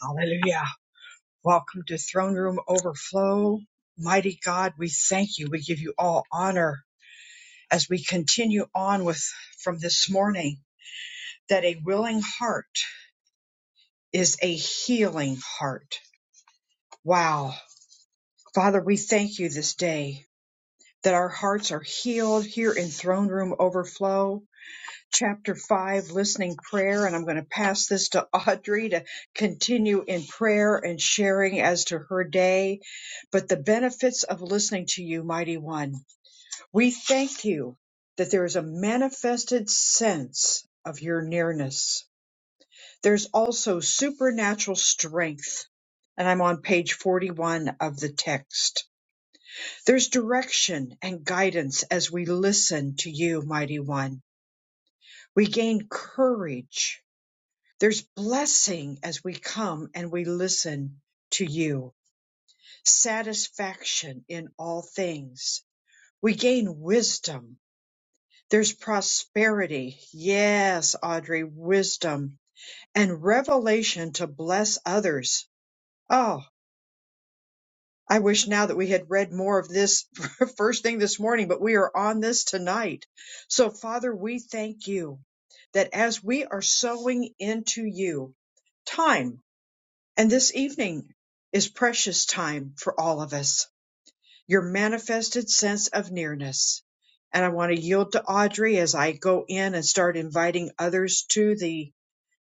Hallelujah. Welcome to Throne Room Overflow. Mighty God, we thank you. We give you all honor as we continue on with from this morning that a willing heart is a healing heart. Wow. Father, we thank you this day that our hearts are healed here in Throne Room Overflow chapter 5 listening prayer and i'm going to pass this to audrey to continue in prayer and sharing as to her day but the benefits of listening to you mighty one we thank you that there is a manifested sense of your nearness there's also supernatural strength and i'm on page 41 of the text there's direction and guidance as we listen to you mighty one we gain courage There's blessing as we come and we listen to you, satisfaction in all things. We gain wisdom. There's prosperity. Yes, Audrey, wisdom and revelation to bless others. Oh, I wish now that we had read more of this first thing this morning, but we are on this tonight. So, Father, we thank you that as we are sowing into you time And this evening is precious time for all of us, your manifested sense of nearness. And I want to yield to Audrey as I go in and start inviting others to the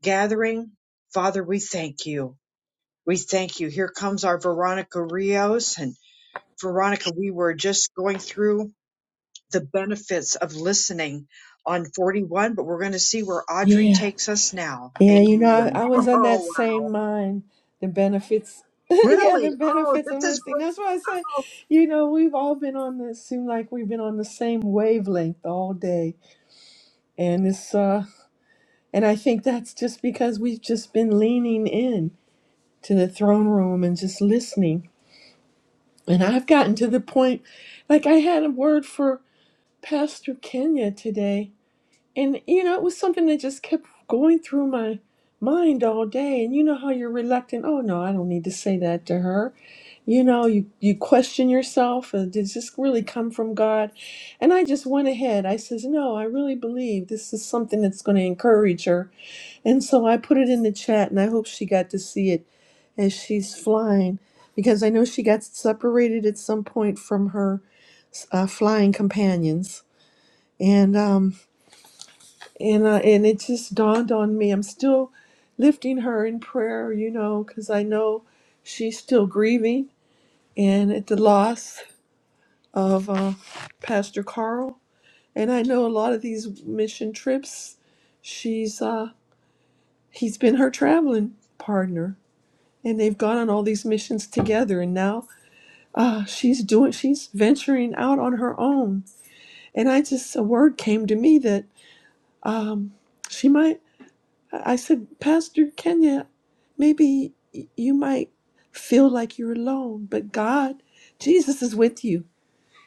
gathering. Father, we thank you. We thank you. Here comes our Veronica Rios. And Veronica, we were just going through the benefits of listening on 41, but we're going to see where Audrey Yeah. takes us now. Yeah, you know, I, Amen. I was Uh, on that Oh, same wow. mind, the benefits. yeah, Really? the Oh, benefits of this is listening. great. That's why I said, you know, we've all been on this, seem like we've been on the same wavelength all day. And it's, uh, and I think that's just because we've just been leaning in to the throne room and just listening. And I've gotten to the point, like I had a word for Pastor Kenya today And you know, it was something that just kept going through my mind all day. And you know how you're reluctant. Oh no, I don't need to say that to her. You know, you you question yourself. Uh, Does this really come from God? And I just went ahead. I says, no, I really believe this is something that's going to encourage her. And so I put it in the chat, and I hope she got to see it as she's flying, because I know she got separated at some point from her uh, flying companions. And um, and uh, and it just dawned on me i'm still lifting her in prayer you know because i know she's still grieving and at the loss of uh, pastor carl and i know a lot of these mission trips she's uh he's been her traveling partner and they've gone on all these missions together and now uh she's doing she's venturing out on her own and i just a word came to me that um she might I said, Pastor Kenya, maybe you might feel like you're alone, but God, Jesus is with you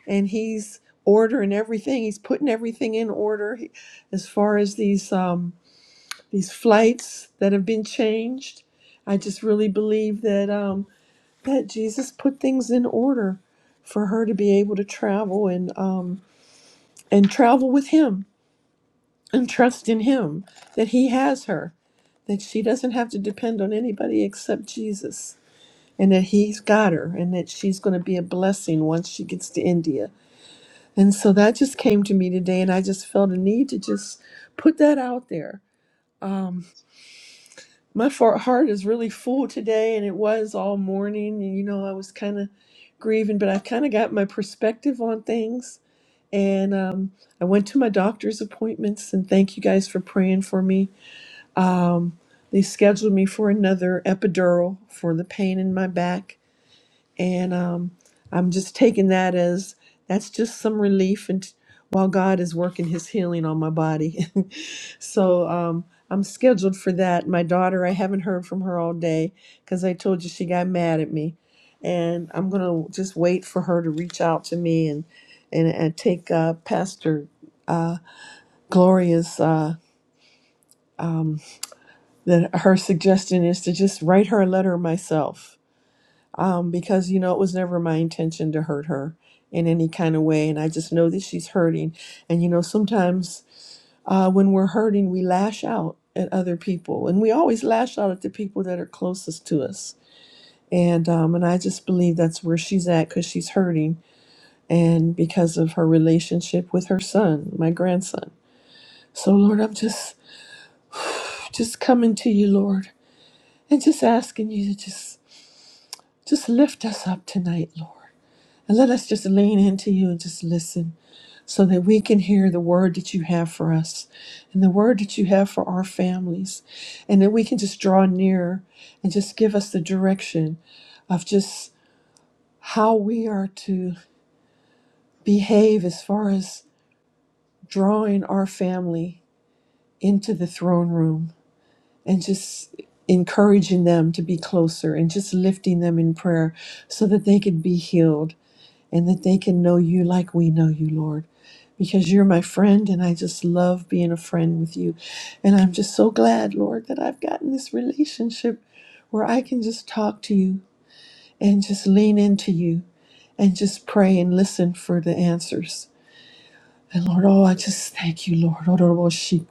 and He's ordering everything. He's putting everything in order He- as far as these um, these flights that have been changed. I just really believe that um, that Jesus put things in order for her to be able to travel and um, and travel with Him and trust in Him that He has her that she doesn't have to depend on anybody except Jesus and that he's got her and that she's going to be a blessing once she gets to India. And so that just came to me today and I just felt a need to just put that out there. Um, my far- heart is really full today and it was all morning and you know I was kind of grieving but I kind of got my perspective on things and um, I went to my doctor's appointments and thank you guys for praying for me Um, they scheduled me for another epidural for the pain in my back, and um, I'm just taking that as that's just some relief, and while God is working His healing on my body, so um, I'm scheduled for that. My daughter, I haven't heard from her all day because I told you she got mad at me, and I'm gonna just wait for her to reach out to me and and, and take uh, Pastor uh, Gloria's. Uh, um, that her suggestion is to just write her a letter myself um, because you know it was never my intention to hurt her in any kind of way and i just know that she's hurting and you know sometimes uh, when we're hurting we lash out at other people and we always lash out at the people that are closest to us and um, and i just believe that's where she's at because she's hurting and because of her relationship with her son my grandson so lord i'm just just coming to you lord and just asking you to just Just lift us up tonight, Lord. And let us just lean into you and just listen so that we can hear the word that you have for us and the word that you have for our families. And that we can just draw nearer and just give us the direction of just how we are to behave as far as drawing our family into the throne room and just encouraging them to be closer and just lifting them in prayer so that they could be healed and that they can know you like we know you, Lord, because you're my friend and I just love being a friend with you. And I'm just so glad, Lord, that I've gotten this relationship where I can just talk to you and just lean into you and just pray and listen for the answers. And Lord, oh, I just thank you, Lord. Oh, Totoroboshi,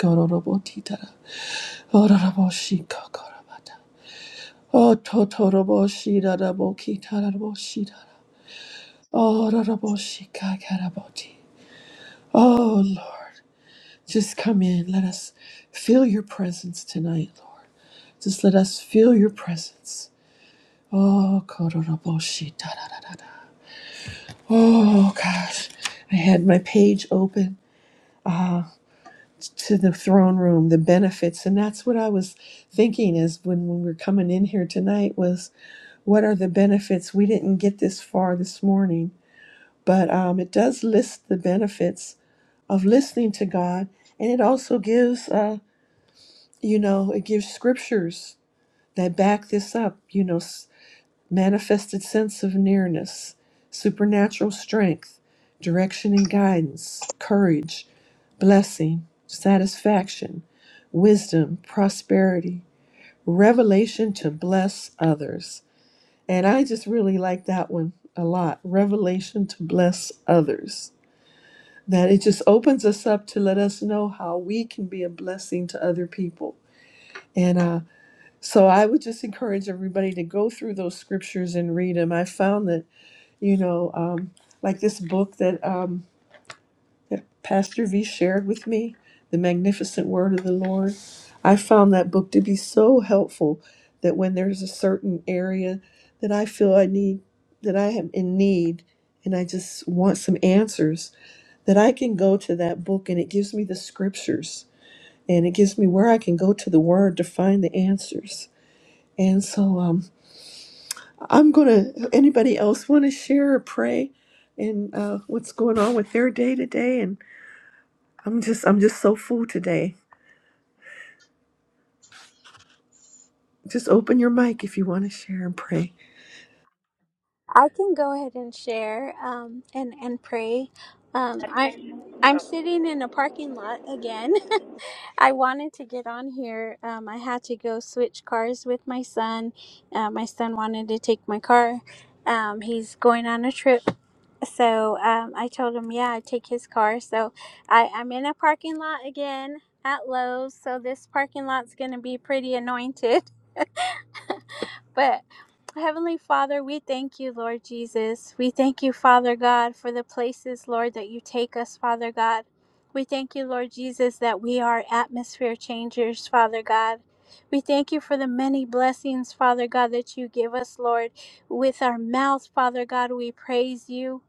Oh, Lord. Just come in. Let us feel your presence tonight, Lord. Just let us feel your presence. Oh, kororoboshi, da da da da da. Oh, gosh. I had my page open to the throne room, the benefits. And that's what I was thinking is when, when we we're coming in here tonight was what are the benefits? We didn't get this far this morning, but um, it does list the benefits of listening to God. And it also gives, uh, you know, it gives scriptures that back this up, you know, manifested sense of nearness, supernatural strength, direction and guidance, courage, blessing, satisfaction, wisdom, prosperity, revelation to bless others. And I just really like that one a lot revelation to bless others. That it just opens us up to let us know how we can be a blessing to other people. And uh, So I would just encourage everybody to go through those scriptures and read them. I found that, you know, um, like this book that, um, that Pastor V shared with me, The Magnificent Word of the Lord, I found that book to be so helpful that when there's a certain area that I feel I need, that I am in need, and I just want some answers, that I can go to that book and it gives me the scriptures and it gives me where I can go to the Word to find the answers. And so, um, I'm gonna. Anybody else want to share or pray, and uh, what's going on with their day today? And I'm just, I'm just so full today. Just open your mic if you want to share and pray. I can go ahead and share um, and and pray. Um, I I'm sitting in a parking lot again. I wanted to get on here. Um, I had to go switch cars with my son. Uh, my son wanted to take my car. Um, he's going on a trip, so um, I told him, yeah, I'd take his car. So I, I'm in a parking lot again at Lowe's. So this parking lot's gonna be pretty anointed. But Heavenly Father, we thank you, Lord Jesus. We thank you, Father God, for the places, Lord, that you take us, Father God. We thank you, Lord Jesus, that we are atmosphere changers, Father God. We thank you for the many blessings, Father God, that you give us, Lord. With our mouth, Father God, we praise you.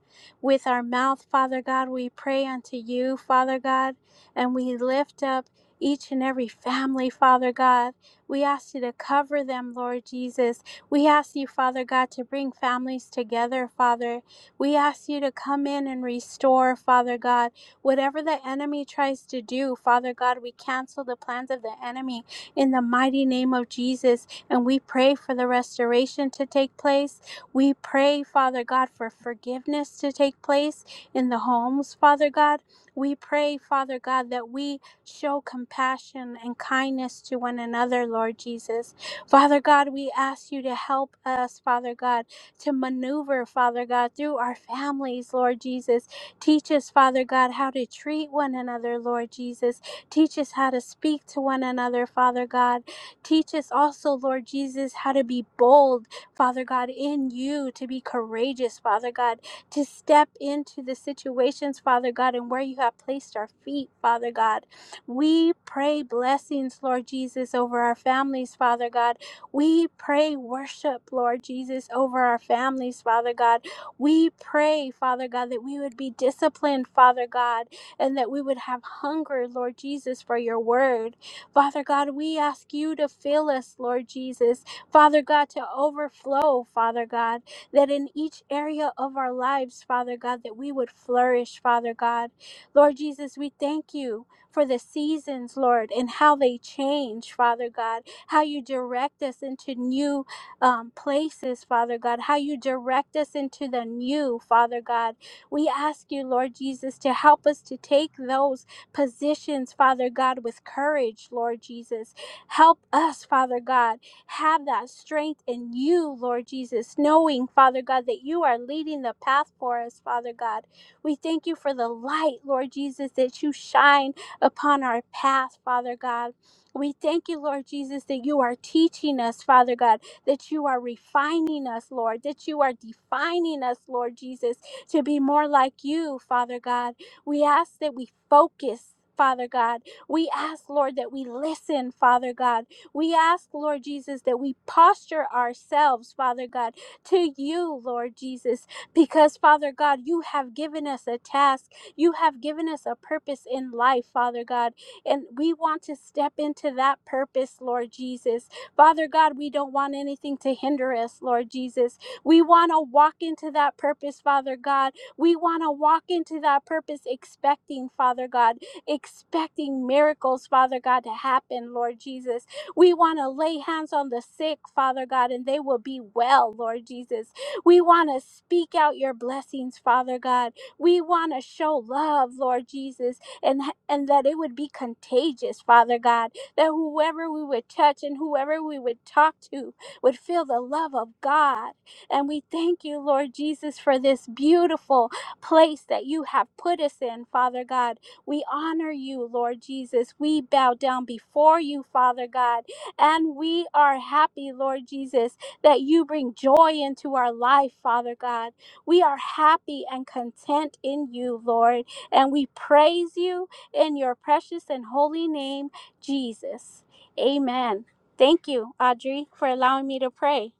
With our mouth, Father God, we pray unto you, Father God, and we lift up each and every family, Father God. We ask you to cover them, Lord Jesus. We ask you, Father God, to bring families together, Father. We ask you to come in and restore, Father God. Whatever the enemy tries to do, Father God, we cancel the plans of the enemy in the mighty name of Jesus. And we pray for the restoration to take place. We pray, Father God, for forgiveness to take place in the homes, Father God. We pray, Father God, that we show compassion and kindness to one another, Lord Jesus. Father God, we ask you to help us, Father God, to maneuver, Father God, through our families, Lord Jesus. Teach us, Father God, how to treat one another, Lord Jesus. Teach us how to speak to one another, Father God. Teach us also, Lord Jesus, how to be bold, Father God, in you, to be courageous, Father God, to step into the situations, Father God, and where you have placed our feet, Father God. We pray blessings, Lord Jesus, over our families, Father God. We pray worship, Lord Jesus, over our families, Father God. We pray, Father God, that we would be disciplined, Father God, and that we would have hunger, Lord Jesus, for your word. Father God, we ask you to fill us, Lord Jesus. Father God, to overflow, Father God, that in each area of our lives, Father God, that we would flourish, Father God. Lord Jesus, we thank you for the seasons, Lord, and how they change, Father God, how you direct us into new um, places, Father God, how you direct us into the new, Father God. We ask you, Lord Jesus, to help us to take those positions, Father God, with courage, Lord Jesus. Help us, Father God, have that strength in you, Lord Jesus, knowing, Father God, that you are leading the path for us, Father God. We thank you for the light, Lord Jesus, that you shine upon our path, Father God. We thank you, Lord Jesus, that you are teaching us, Father God, that you are refining us, Lord, that you are defining us, Lord Jesus, to be more like you, Father God. We ask that we focus. Father God, we ask, Lord, that we listen, Father God. We ask, Lord Jesus, that we posture ourselves, Father God, to you, Lord Jesus, because, Father God, you have given us a task. You have given us a purpose in life, Father God, and we want to step into that purpose, Lord Jesus. Father God, we don't want anything to hinder us, Lord Jesus. We want to walk into that purpose, Father God. We want to walk into that purpose expecting, Father God, expecting miracles, Father God, to happen, Lord Jesus. We want to lay hands on the sick, Father God, and they will be well, Lord Jesus. We want to speak out your blessings, Father God. We want to show love, Lord Jesus, and and that it would be contagious, Father God, that whoever we would touch and whoever we would talk to would feel the love of God. And we thank you, Lord Jesus, for this beautiful place that you have put us in, Father God. We honor you, Lord Jesus. We bow down before you, Father God, and we are happy, Lord Jesus, that you bring joy into our life, Father God. We are happy and content in you, Lord, and we praise you in your precious and holy name, Jesus. Amen. Thank you, Audrey, for allowing me to pray.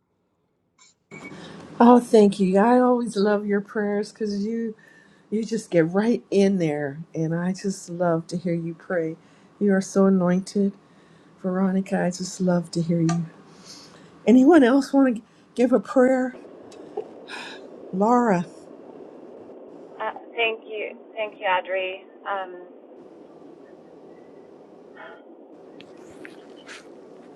Oh, thank you. I always love your prayers because you you just get right in there, and I just love to hear you pray. You are so anointed, Veronica. I just love to hear you. Anyone else want to give a prayer? Laura, Uh, thank you. Thank you, Audrey. Um,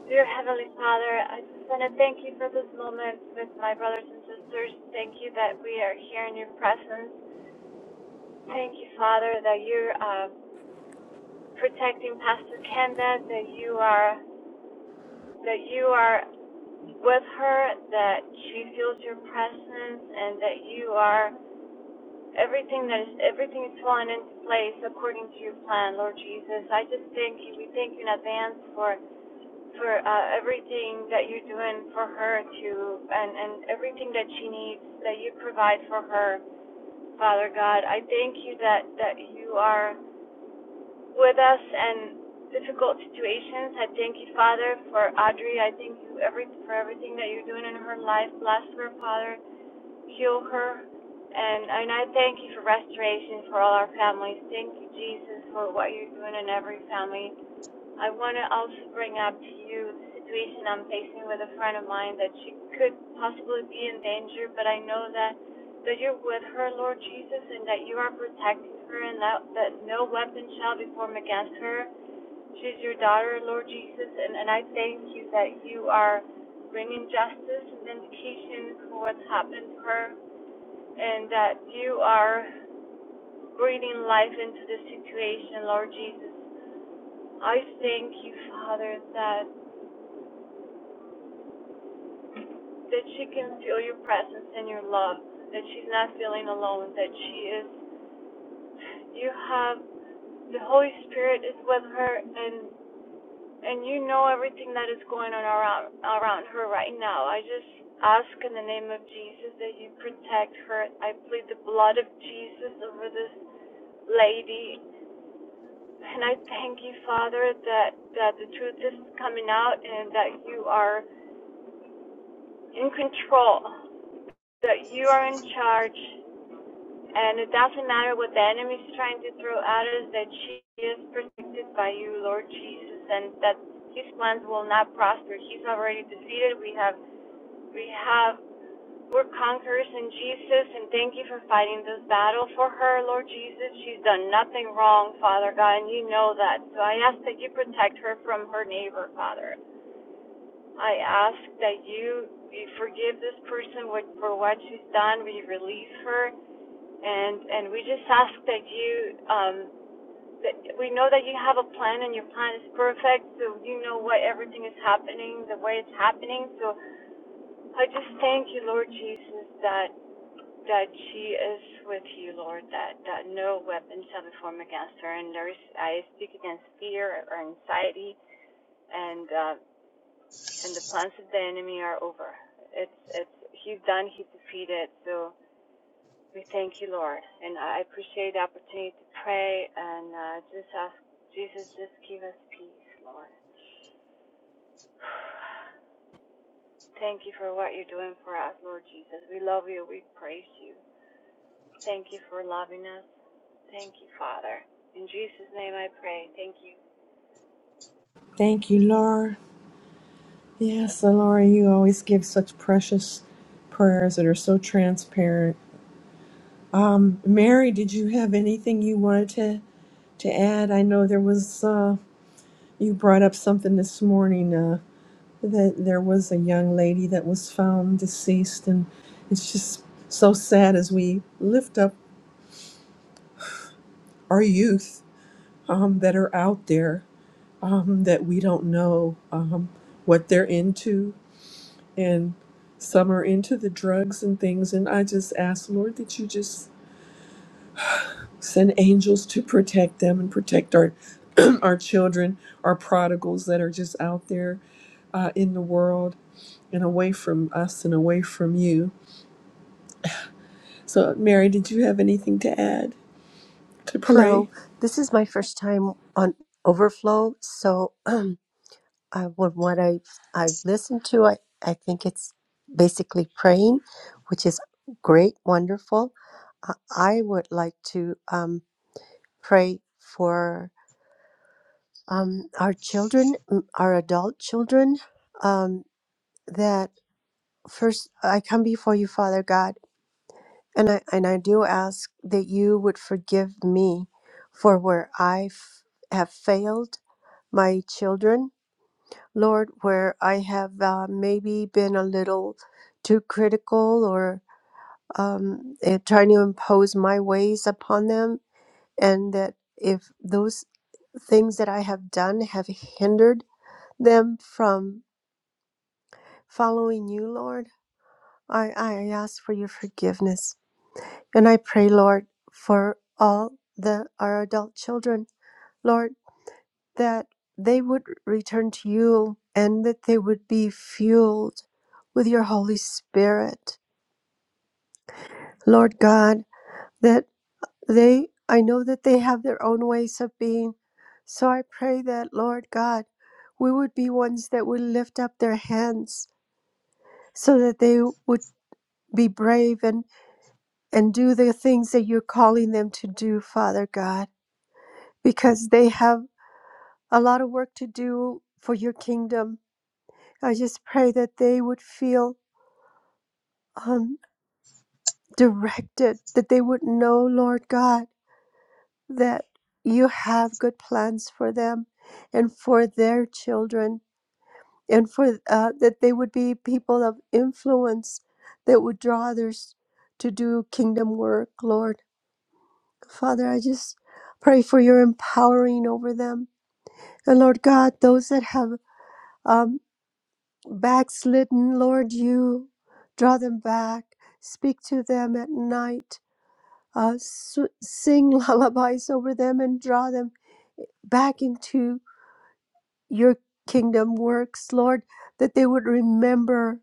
Dear Heavenly Father, I just want to thank you for this moment with my brothers and sisters. Thank you that we are here in your presence. Thank you, Father, that you're uh, protecting Pastor Kenda, that you are that you are with her, that she feels your presence, and that you are everything that is everything is falling into place according to your plan, Lord Jesus. I just thank you. We thank you in advance for for uh, everything that you're doing for her to and and everything that she needs that you provide for her father god i thank you that that you are with us in difficult situations i thank you father for audrey i thank you every for everything that you're doing in her life bless her father heal her and and i thank you for restoration for all our families thank you jesus for what you're doing in every family I want to also bring up to you the situation I'm facing with a friend of mine that she could possibly be in danger, but I know that that you're with her, Lord Jesus, and that you are protecting her, and that that no weapon shall be formed against her. She's your daughter, Lord Jesus, and and I thank you that you are bringing justice and vindication for what's happened to her, and that you are breathing life into this situation, Lord Jesus. I thank you, Father, that that she can feel your presence and your love, that she's not feeling alone, that she is you have the Holy Spirit is with her and and you know everything that is going on around around her right now. I just ask in the name of Jesus that you protect her. I plead the blood of Jesus over this lady. And I thank you, Father, that, that the truth is coming out and that you are in control, that you are in charge, And it doesn't matter what the enemy is trying to throw at us, that she is protected by you, Lord Jesus, and that his plans will not prosper. He's already defeated. We have, we have, we're conquerors in Jesus, and thank you for fighting this battle for her, Lord Jesus. She's done nothing wrong, Father God, and you know that. So I ask that you protect her from her neighbor, Father. I ask that you, you forgive this person for what she's done. We release her and and we just ask that you um that we know that you have a plan and your plan is perfect so you know why everything is happening the way it's happening so i just thank you lord jesus that that she is with you lord that that no weapon shall be formed against her and there is i speak against fear or anxiety and uh and the plans of the enemy are over it's it's he's done he's defeated so We thank you, Lord. And I appreciate the opportunity to pray and uh, just ask Jesus, just give us peace, Lord. Thank you for what you're doing for us, Lord Jesus. We love you. We praise you. Thank you for loving us. Thank you, Father. In Jesus' name I pray. Thank you. thank you, Laura. Yes, and Laura, you always give such precious prayers that are so transparent. Um, Mary, did you have anything you wanted to to add? I know there was uh, you brought up something this morning uh, that there was a young lady that was found deceased, and it's just so sad as we lift up our youth um, that are out there um, that we don't know um, what they're into and some are into the drugs and things. And I just ask, Lord, that you just send angels to protect them and protect our our children, our prodigals that are just out there uh, in the world and away from us and away from you. So, Mary, did you have anything to add to pray? Hello, this is my first time on Overflow, so um, I, with what I I've listened to, I, I think it's basically praying, which is great, wonderful. I, I would like to um, pray for um, our children, mm, our adult children, um, that first I come before you, Father God, and I and I do ask that you would forgive me for where I have failed my children. Lord, where I have uh, maybe been a little too critical or um, eh, trying to impose my ways upon them, and that if those things that I have done have hindered them from following you, Lord, I, I ask for your forgiveness. And I pray, Lord, for all the our adult children. Lord, that they would return to you and that they would be fueled with your Holy Spirit. Lord God, that they, I know that they have their own ways of being. So I pray that, Lord God, we would be ones that would lift up their hands so that they would be brave and, and do the things that you're calling them to do, Father God, because they have a lot of work to do for your kingdom. I just pray that they would feel um, directed, that they would know, Lord God, that you have good plans for them and for their children, and for uh, that they would be people of influence that would draw others to do kingdom work, Lord. Father, I just pray for your empowering over them. And Lord God, those that have um, backslidden, Lord, you draw them back. Speak to them at night uh, sing lullabies over them and draw them back into your kingdom works, Lord, that they would remember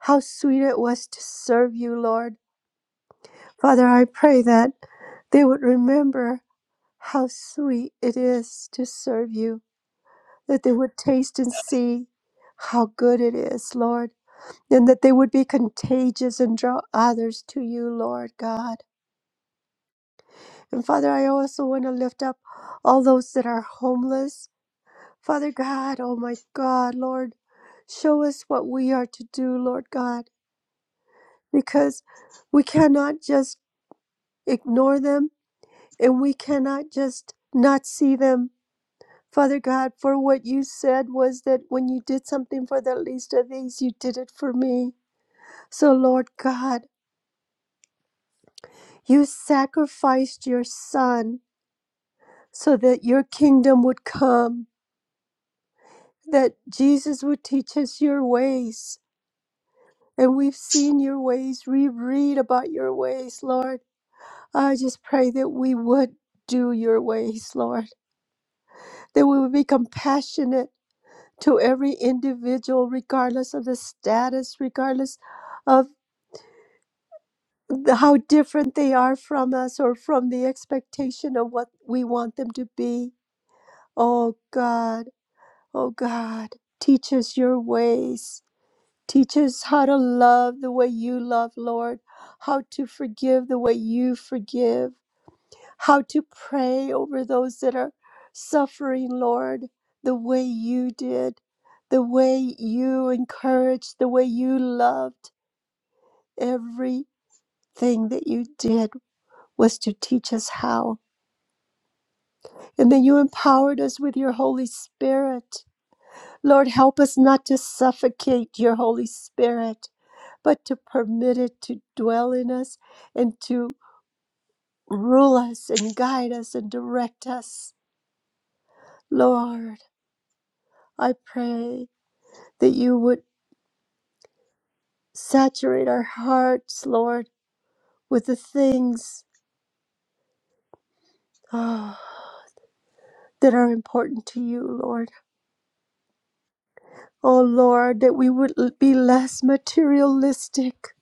how sweet it was to serve you, Lord. Father, I pray that they would remember how sweet it is to serve you, that they would taste and see how good it is, Lord, and that they would be contagious and draw others to you, Lord God. And Father, I also want to lift up all those that are homeless Father God, oh my God, Lord, show us what we are to do, Lord God, because we cannot just ignore them and we cannot just not see them. Father God, for what you said was that when you did something for the least of these, you did it for me. So, Lord God, you sacrificed your son so that your kingdom would come, that Jesus would teach us your ways and we've seen your ways. We read about your ways, Lord. I just pray that we would do your ways, Lord, that we would be compassionate to every individual, regardless of the status, regardless of the- how different they are from us or from the expectation of what we want them to be. Oh God, oh God, teach us your ways. Teach us how to love the way you love, Lord, how to forgive the way you forgive, how to pray over those that are suffering, Lord, the way you did, the way you encouraged, the way you loved. Everything that you did was to teach us how. And then you empowered us with your Holy Spirit Lord, help us not to suffocate your Holy Spirit, but to permit it to dwell in us and to rule us and guide us and direct us. Lord, I pray that you would saturate our hearts, Lord, with the things ah, that are important to you, Lord. Oh, Lord, that we would l- be less materialistic,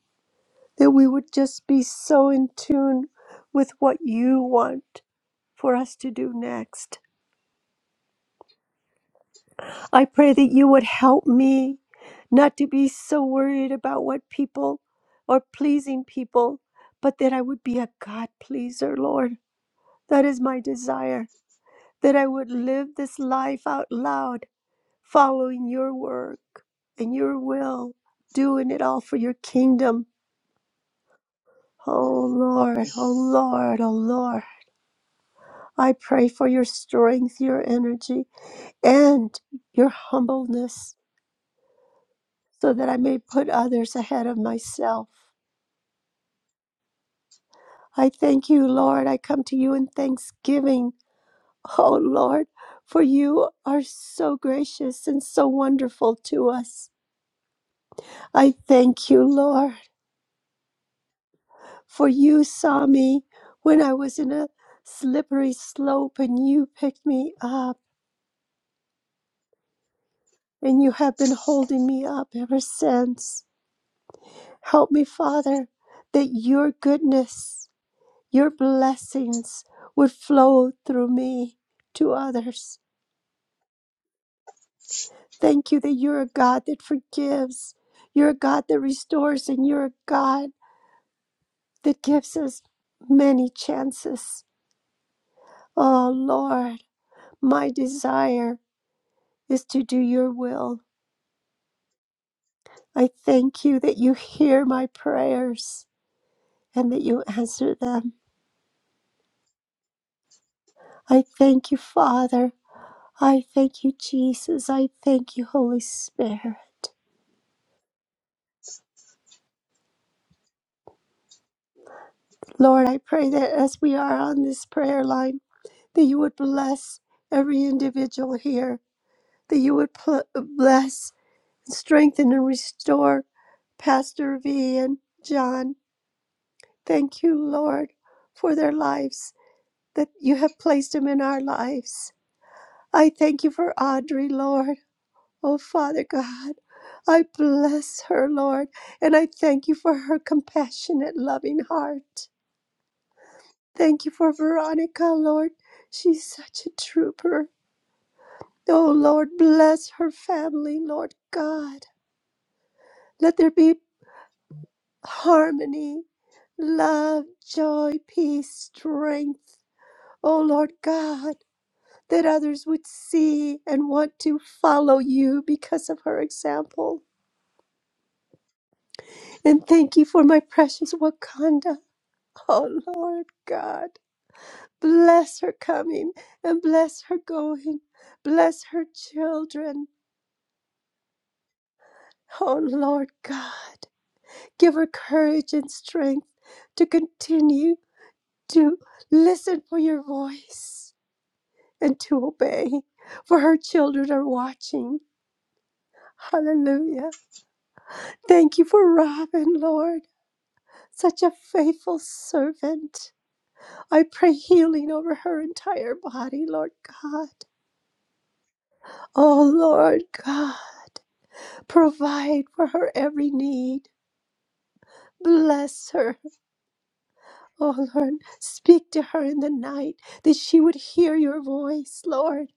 that we would just be so in tune with what you want for us to do next. I pray that you would help me not to be so worried about what people or pleasing people, but that I would be a God pleaser, Lord. That is my desire, that I would live this life out loud, following your work and your will, doing it all for your kingdom. Oh Lord, oh Lord, oh Lord. I pray for your strength, your energy, and your humbleness so that I may put others ahead of myself. I thank you, Lord. I come to you in thanksgiving, oh Lord, for you are so gracious and so wonderful to us. I thank you, Lord, for you saw me when I was in a slippery slope and you picked me up. And you have been holding me up ever since. Help me, Father, that your goodness Your blessings would flow through me to others. Thank you that you're a God that forgives, you're a God that restores, and you're a God that gives us many chances. Oh, Lord, my desire is to do your will. I thank you that you hear my prayers and that you answer them. I thank you, Father. I thank you, Jesus. I thank you, Holy Spirit. Lord, I pray that as we are on this prayer line, that you would bless every individual here, that you would pl- bless, strengthen, and restore Pastor V and John. Thank you, Lord, for their lives, that you have placed them in our lives. I thank you for Audrey, Lord. Oh, Father God, I bless her, Lord, and I thank you for her compassionate, loving heart. Thank you for Veronica, Lord. She's such a trooper. Oh, Lord, bless her family, Lord God. Let there be harmony, love, joy, peace, strength. Oh, Lord God, that others would see and want to follow you because of her example. And thank you for my precious Wakanda. Oh, Lord God, bless her coming and bless her going. Bless her children. Oh, Lord God, give her courage and strength to continue to listen for your voice and to obey, for her children are watching. Hallelujah. Thank you for Robin, Lord, such a faithful servant. I pray healing over her entire body, Lord God. Oh, Lord God, provide for her every need. Bless her Oh Lord, speak to her in the night that she would hear your voice, Lord,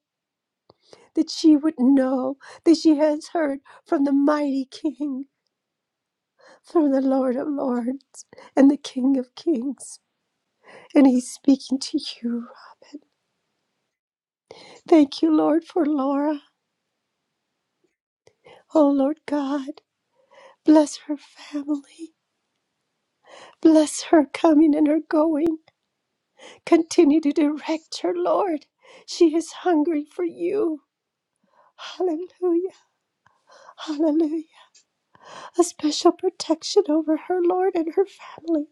that she would know that she has heard from the mighty King, from the Lord of Lords and the King of Kings. And he's speaking to you. Thank you, Lord, for Laura. Oh Lord God, bless her family. Bless her coming and her going. Continue to direct her, Lord. She is hungry for you. Hallelujah. Hallelujah. a special protection over her, Lord, and her family.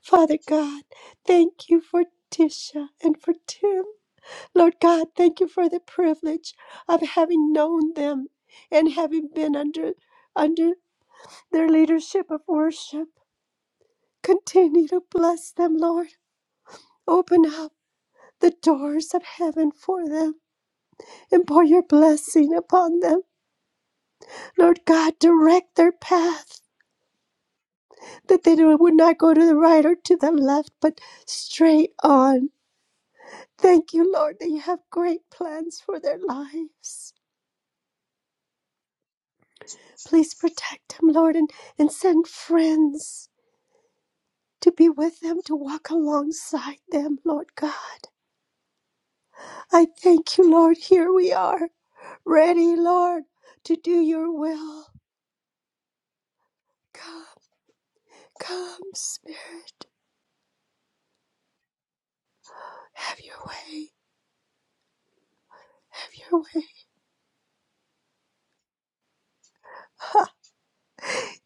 Father God, thank you for Tisha and for Tim. Lord God, thank you for the privilege of having known them and having been under under their leadership of worship. Continue to bless them, Lord. Open up the doors of heaven for them and pour your blessing upon them. Lord God, direct their path. that they would not go to the right or to the left, but straight on. Thank you, Lord, that you have great plans for their lives. Please protect them, Lord, and, and send friends to be with them, to walk alongside them, Lord God. I thank you, Lord. Here we are, ready, Lord, to do your will. Come, come, Spirit. Have your way. Have your way.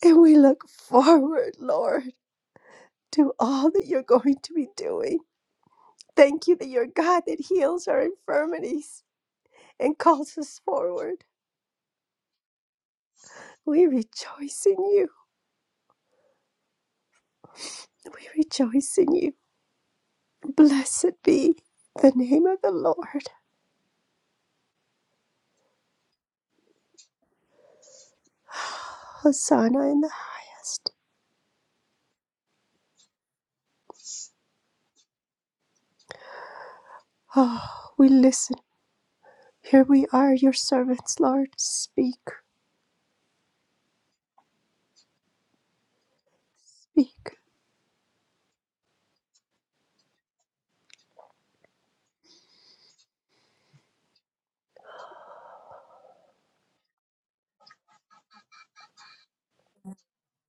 And we look forward, Lord, to all that you're going to be doing. Thank you that you're God that heals our infirmities and calls us forward. We rejoice in you. We rejoice in you. Blessed be the name of the Lord. Hosanna in the highest. Oh, we listen. Here we are, your servants, Lord. Speak. Speak.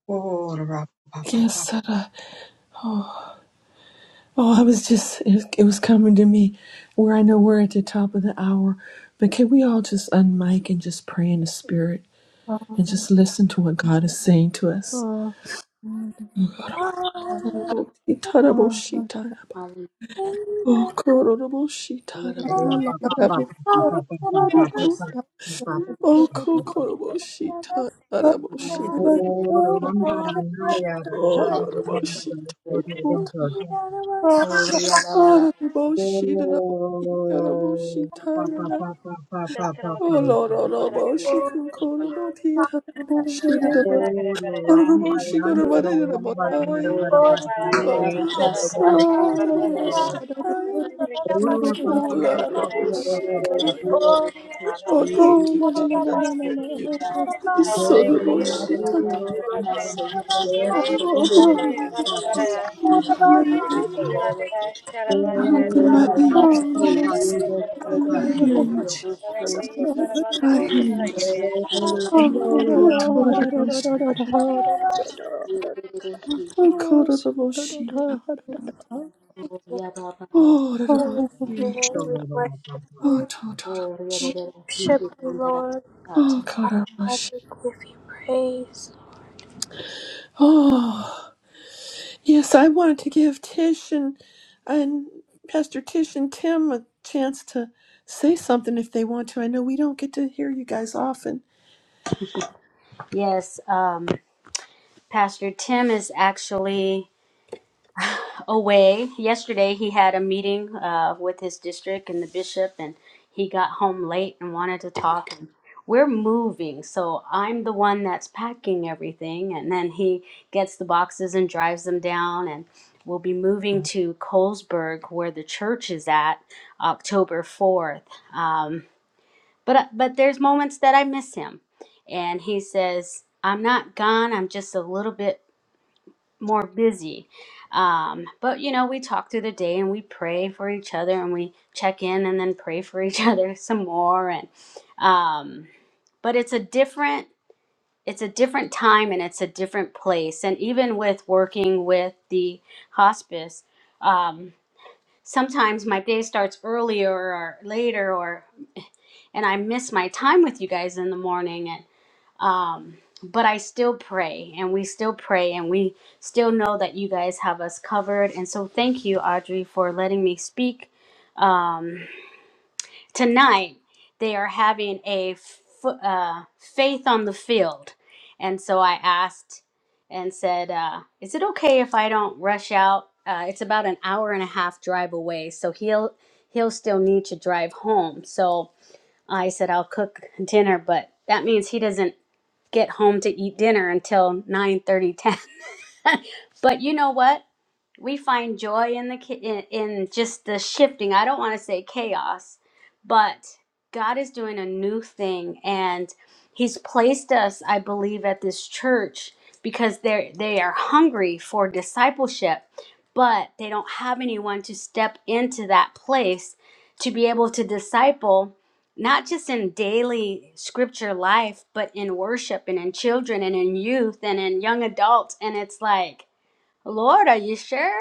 Oh, Yes. Uh, oh, I was just, it, it was coming to me where I know we're at the top of the hour, but can we all just unmic and just pray in the spirit? and Oh, just listen to what God is saying to us. Lord. Oh, Hallelujah. Oh, Gloria kororoboshitarabo, tarabo, kuku, oh, Lord. kokoroboshita, Oh, taraboshirabo, oh, loroboshitobo, a la la taraboshitarabo, ikaraboshitayana, oh, santa. lororoboshikukorobotitaraboshirabo, loroboshikorobotitarabotai. Gloria Oh, sandra bakasa tara Holy Spirit, yare we Gloria re la re sundar kushi re thank you, re re Jesus. Thank you, sundar. Jesus. So the most she Gloria can la la Santa, Gloria a la alabanza, Oh, Gloria de la sundar re re la, sundar. what a good Gloria a God. la alabanza, I I open my want, ears. Yes. Gloria de la Jesús, Gloria I hear you, de la Jesus. I like sundar it. re I I re hear you, Jesus. la like sundar. it. Oh, total the most. Yes, Oh, total the most she can. Oh, the most she. worship Oh, you. total the most We she. worship you, Lord. Oh, total the Father most God, she. we give you praise. Oh. Yes, I wanted to give Tish and and Pastor Tish and Tim a chance to say something if they want to. I know we don't get to hear you guys often. um, Pastor Tim is actually. away. Yesterday, he had a meeting uh, with his district and the bishop, and he got home late and wanted to talk. And we're moving, so I'm the one that's packing everything, and then he gets the boxes and drives them down. And we'll be moving to Colesburg, where the church is at, October fourth. Um, but but there's moments that I miss him, and he says. I'm not gone. I'm just a little bit more busy. Um, but you know, we talk through the day and we pray for each other and we check in and then pray for each other some more. And um, but it's a different it's a different time and it's a different place. And even with working with the hospice, um, sometimes my day starts earlier or later, or and I miss my time with you guys in the morning um, but I still pray and we still pray and we still know that you guys have us covered. And so thank you, Audrey, for letting me speak. Um, tonight, they are having a f- uh, faith on the field. And so I asked and said, uh, Is it okay if I don't rush out? Uh, it's about an hour and a half drive away, so he'll he'll still need to drive home. So I said I'll cook dinner, but that means he doesn't get home to eat dinner until nine thirty ten. but you know what we find joy in the ki- in, in just the shifting i don't want to say chaos but god is doing a new thing and he's placed us i believe at this church because they they are hungry for discipleship but they don't have anyone to step into that place to be able to disciple not just in daily scripture life, but in worship and in children and in youth and in young adults. And it's like, Lord, are you sure?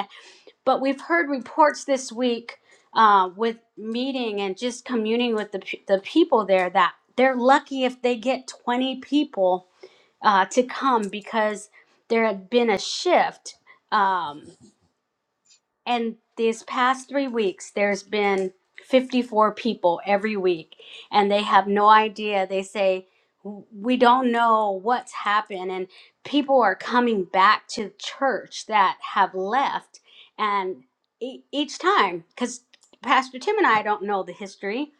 but we've heard reports this week uh, with meeting and just communing with the, pe- the people there that they're lucky if they get 20 people uh, to come because there had been a shift. Um, and these past three weeks, there's been 54 people every week, and they have no idea. They say, We don't know what's happened. And people are coming back to church that have left. And e- each time, because Pastor Tim and I don't know the history,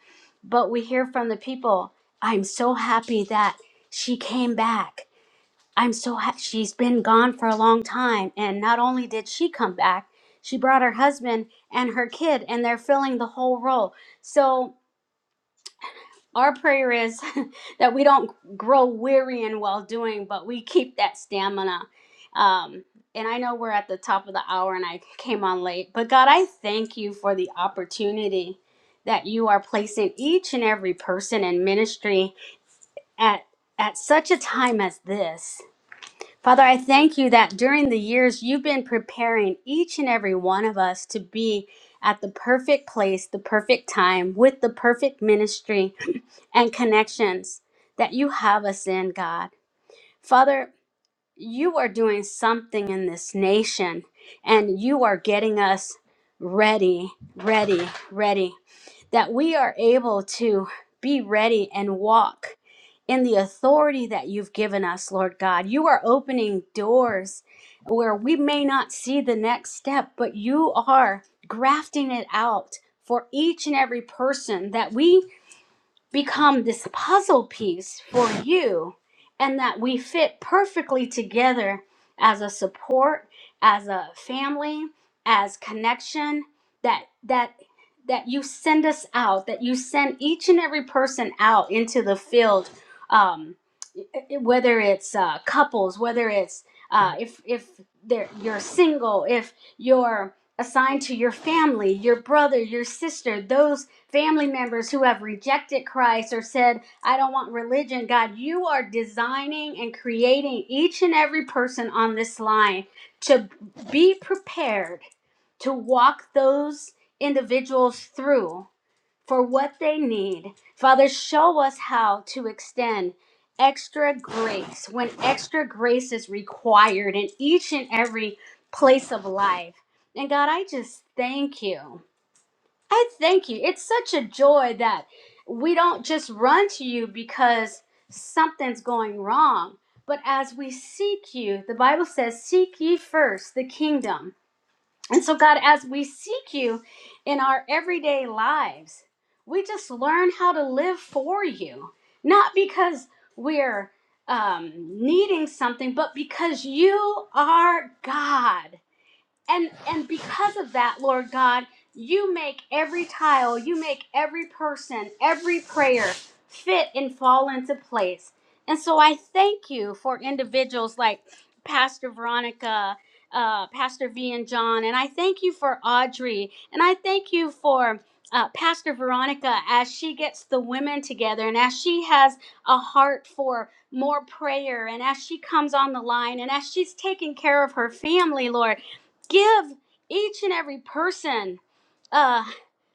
but we hear from the people, I'm so happy that she came back. I'm so happy. she's been gone for a long time and not only did she come back, she brought her husband and her kid and they're filling the whole role. So our prayer is that we don't grow weary in well doing, but we keep that stamina. Um, and I know we're at the top of the hour and I came on late, but God, I thank you for the opportunity that you are placing each and every person in ministry at at such a time as this Father, I thank you that during the years you've been preparing each and every one of us to be at the perfect place, the perfect time, with the perfect ministry and connections that you have us in, God. Father, you are doing something in this nation and you are getting us ready, ready, ready, that we are able to be ready and walk in the authority that you've given us, Lord God. You are opening doors where we may not see the next step, but you are grafting it out for each and every person that we become this puzzle piece for you and that we fit perfectly together as a support as a family as connection that that that you send us out that you send each and every person out into the field um, whether it's uh, couples, whether it's uh, if if they're, you're single, if you're assigned to your family, your brother, your sister, those family members who have rejected Christ or said, I don't want religion. God, you are designing and creating each and every person on this line to be prepared to walk those individuals through for what they need. Father, show us how to extend extra grace when extra grace is required in each and every place of life. And God, I just thank you. I thank you. It's such a joy that we don't just run to you because something's going wrong, but as we seek you, the Bible says, Seek ye first the kingdom. And so, God, as we seek you in our everyday lives, we just learn how to live for you, not because we're um, needing something, but because you are God and and because of that lord god you make every tile you make every person every prayer fit and fall into place and so i thank you for individuals like pastor veronica uh, pastor v and john and i thank you for audrey and i thank you for uh, pastor veronica as she gets the women together and as she has a heart for more prayer and as she comes on the line and as she's taking care of her family lord give each and every person uh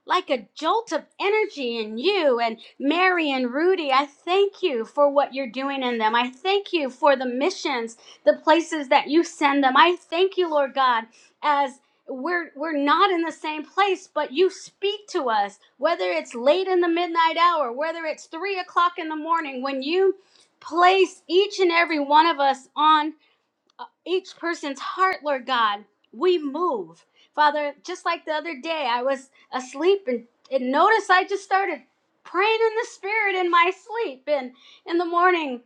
like a jolt of energy in you and Mary and Rudy. I thank you for what you're doing in them. I thank you for the missions, the places that you send them. I thank you, Lord God, as we're we're not in the same place, but you speak to us, whether it's late in the midnight hour, whether it's three o'clock in the morning, when you place each and every one of us on each person's heart, Lord God. We move. Father, just like the other day, I was asleep and, and noticed I just started praying in the spirit in my sleep. And in the morning,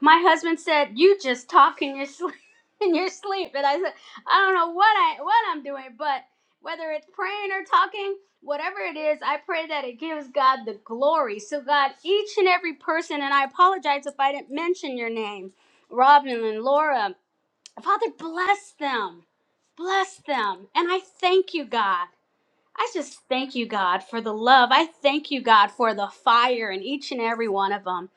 my husband said, You just talk in your sleep in your sleep. And I said, I don't know what I what I'm doing, but whether it's praying or talking, whatever it is, I pray that it gives God the glory. So God, each and every person, and I apologize if I didn't mention your name, Robin and Laura Father, bless them. Bless them. And I thank you, God. I just thank you, God, for the love. I thank you, God, for the fire in each and every one of them.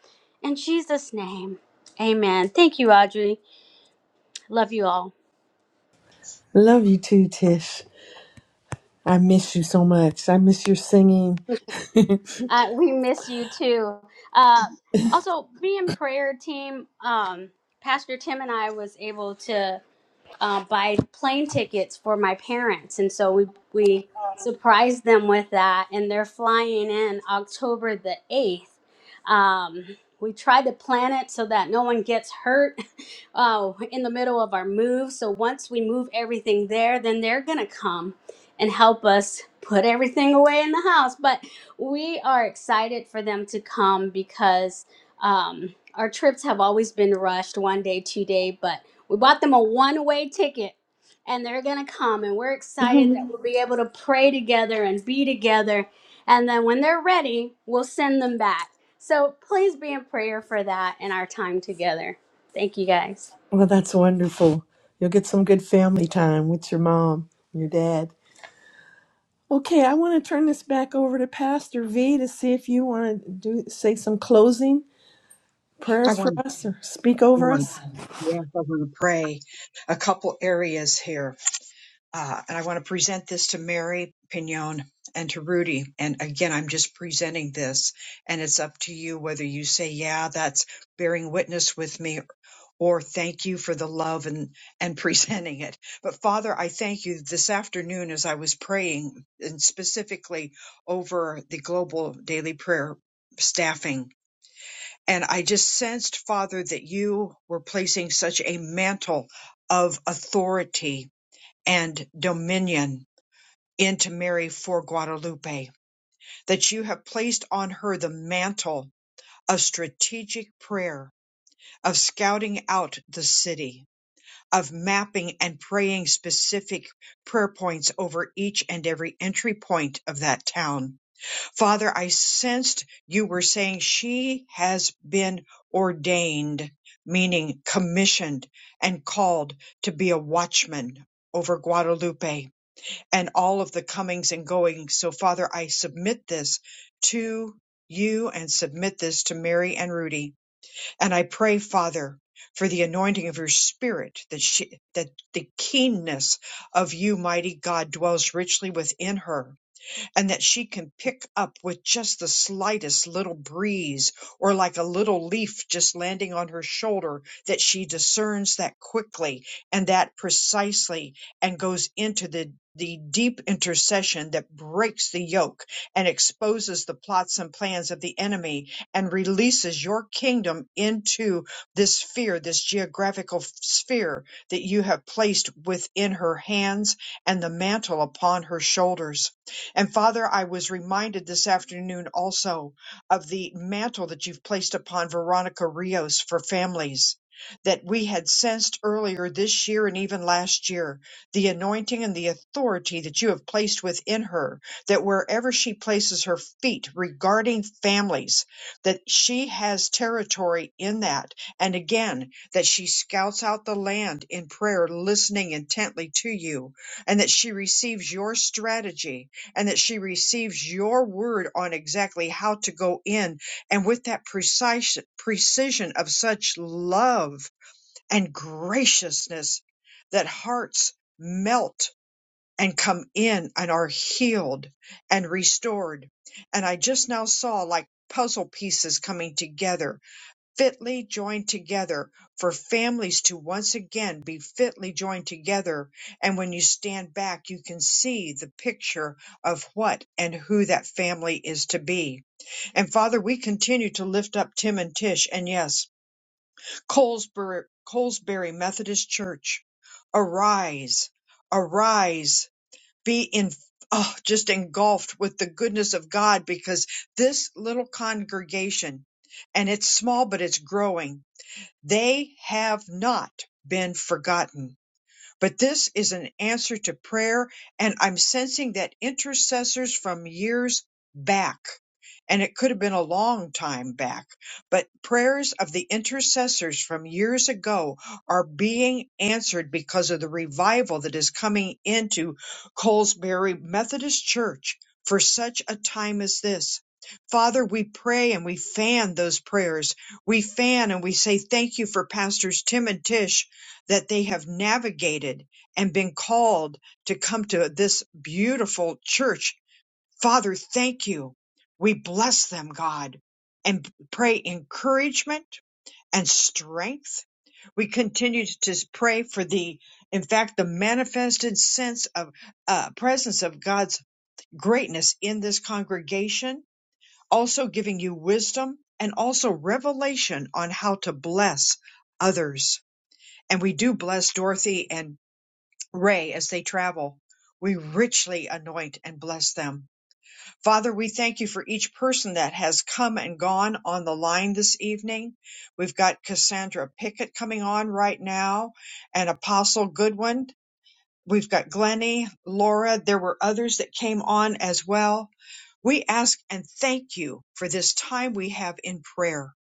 In Jesus' name, amen. Thank you, Audrey. Love you all. Love you too, Tish. I miss you so much. I miss your singing. Uh, we miss you too. Uh, also, be in prayer team. Um, Pastor Tim and I was able to. uh, buy plane tickets for my parents, and so we we surprised them with that, and they're flying in October the eighth. Um, we try to plan it so that no one gets hurt uh, in the middle of our move. So once we move everything there, then they're gonna come and help us put everything away in the house. But we are excited for them to come because um, our trips have always been rushed, one day, two day, but we bought them a one way ticket and they're going to come. And we're excited that Mhm. we'll be able to pray together and be together. And then when they're ready, we'll send them back. So please be in prayer for that in our time together. Thank you guys. Well, that's wonderful. You'll get some good family time with your mom and your dad. okay, I want to turn this back over to Pastor V to see if you want to do say some closing I prayers for us or speak over want, us. yes, I want to pray a couple areas here. Uh, and I want to present this to Mary Pignon and to Rudy. And again, I'm just presenting this, and it's up to you whether you say, "Yeah, that's bearing witness with me," or "Thank you for the love and and presenting it." But Father, I thank you this afternoon as I was praying, and specifically over the global daily prayer staffing. And I just sensed, Father, that you were placing such a mantle of authority and dominion into Mary for Guadalupe, that you have placed on her the mantle of strategic prayer, of scouting out the city, of mapping and praying specific prayer points over each and every entry point of that town. Father, I sensed you were saying she has been ordained, meaning commissioned and called to be a watchman over Guadalupe and all of the comings and goings. So, Father, I submit this to you and submit this to Mary and Rudy. And I pray, Father, for the anointing of your spirit, that, she, that the keenness of you, mighty God, dwells richly within her and that she can pick up with just the slightest little breeze or like a little leaf just landing on her shoulder, that she discerns that quickly and that precisely and goes into the the deep intercession that breaks the yoke and exposes the plots and plans of the enemy and releases your kingdom into this sphere, this geographical sphere that you have placed within her hands and the mantle upon her shoulders and Father, I was reminded this afternoon also of the mantle that you've placed upon Veronica Rios for families that we had sensed earlier this year and even last year, the anointing and the authority that you have placed within her, that wherever she places her feet regarding families, that she has territory in that. And again, that she scouts out the land in prayer, listening intently to you, and that she receives your strategy and that she receives your word on exactly how to go in and with that precise precision of such love and graciousness that hearts melt and come in and are healed and restored. And I just now saw like puzzle pieces coming together fitly joined together for families to once again be fitly joined together. And when you stand back, you can see the picture of what and who that family is to be. And Father, we continue to lift up Tim and Tish and yes, Colesbury, Colesbury Methodist Church. Arise, arise, be in Oh, just engulfed with the goodness of God because this little congregation and it's small, but it's growing they have not been forgotten. But this is an answer to prayer, and I'm sensing that intercessors from years back, and it could have been a long time back, but prayers of the intercessors from years ago are being answered because of the revival that is coming into Colesbury Methodist Church for such a time as this. Father, we pray and we fan those prayers. We fan and we say thank you for Pastors Tim and Tish that they have navigated and been called to come to this beautiful church. Father, thank you. We bless them, God, and pray encouragement and strength. We continue to pray for the, in fact, the manifested sense of uh, presence of God's greatness in this congregation, also giving you wisdom and also revelation on how to bless others. And we do bless Dorothy and Ray as they travel. We richly anoint and bless them. Father, we thank you for each person that has come and gone on the line this evening. We've got Cassandra Pickett coming on right now and Apostle Goodwin. We've got Glennie, Laura. There were others that came on as well. We ask and thank you for this time we have in prayer,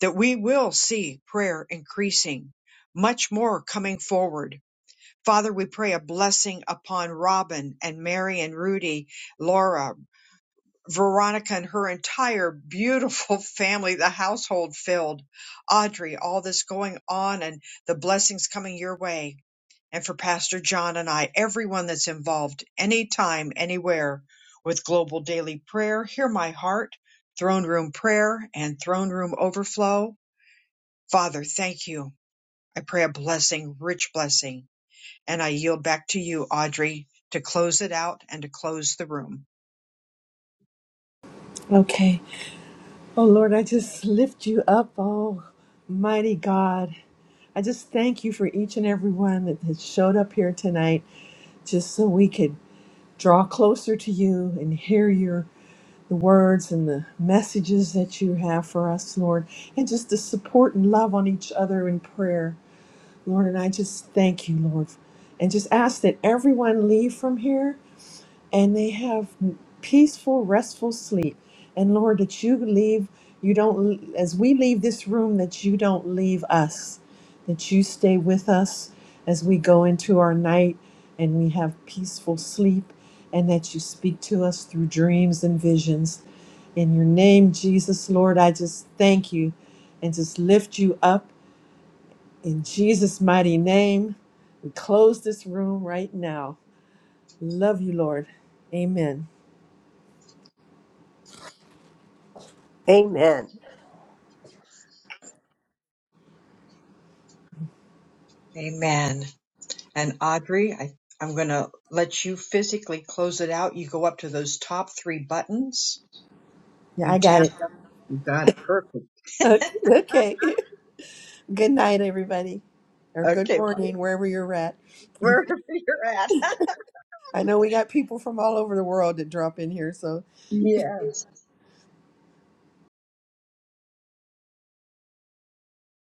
that we will see prayer increasing, much more coming forward. Father, we pray a blessing upon Robin and Mary and Rudy, Laura, Veronica and her entire beautiful family, the household filled, Audrey, all this going on and the blessings coming your way. And for Pastor John and I, everyone that's involved anytime, anywhere with Global Daily Prayer, Hear My Heart, Throne Room Prayer, and Throne Room Overflow. Father, thank you. I pray a blessing, rich blessing and I yield back to you, Audrey, to close it out and to close the room. Okay. Oh Lord, I just lift you up, oh mighty God. I just thank you for each and every one that has showed up here tonight just so we could draw closer to you and hear your the words and the messages that you have for us, Lord, and just to support and love on each other in prayer. Lord, and I just thank you, Lord. And just ask that everyone leave from here and they have peaceful, restful sleep. And Lord, that you leave, you don't, as we leave this room, that you don't leave us, that you stay with us as we go into our night and we have peaceful sleep, and that you speak to us through dreams and visions. In your name, Jesus, Lord, I just thank you and just lift you up in Jesus' mighty name. We close this room right now. Love you, Lord. Amen. Amen. Amen. And Audrey, I, I'm going to let you physically close it out. You go up to those top three buttons. Yeah, I You got tap it. them. You got it. Perfect. Okay. okay. Good night, everybody. Or good Okay, well, morning, wherever you're at. wherever you're at. I know we got people from all over the world that drop in here, so Yes.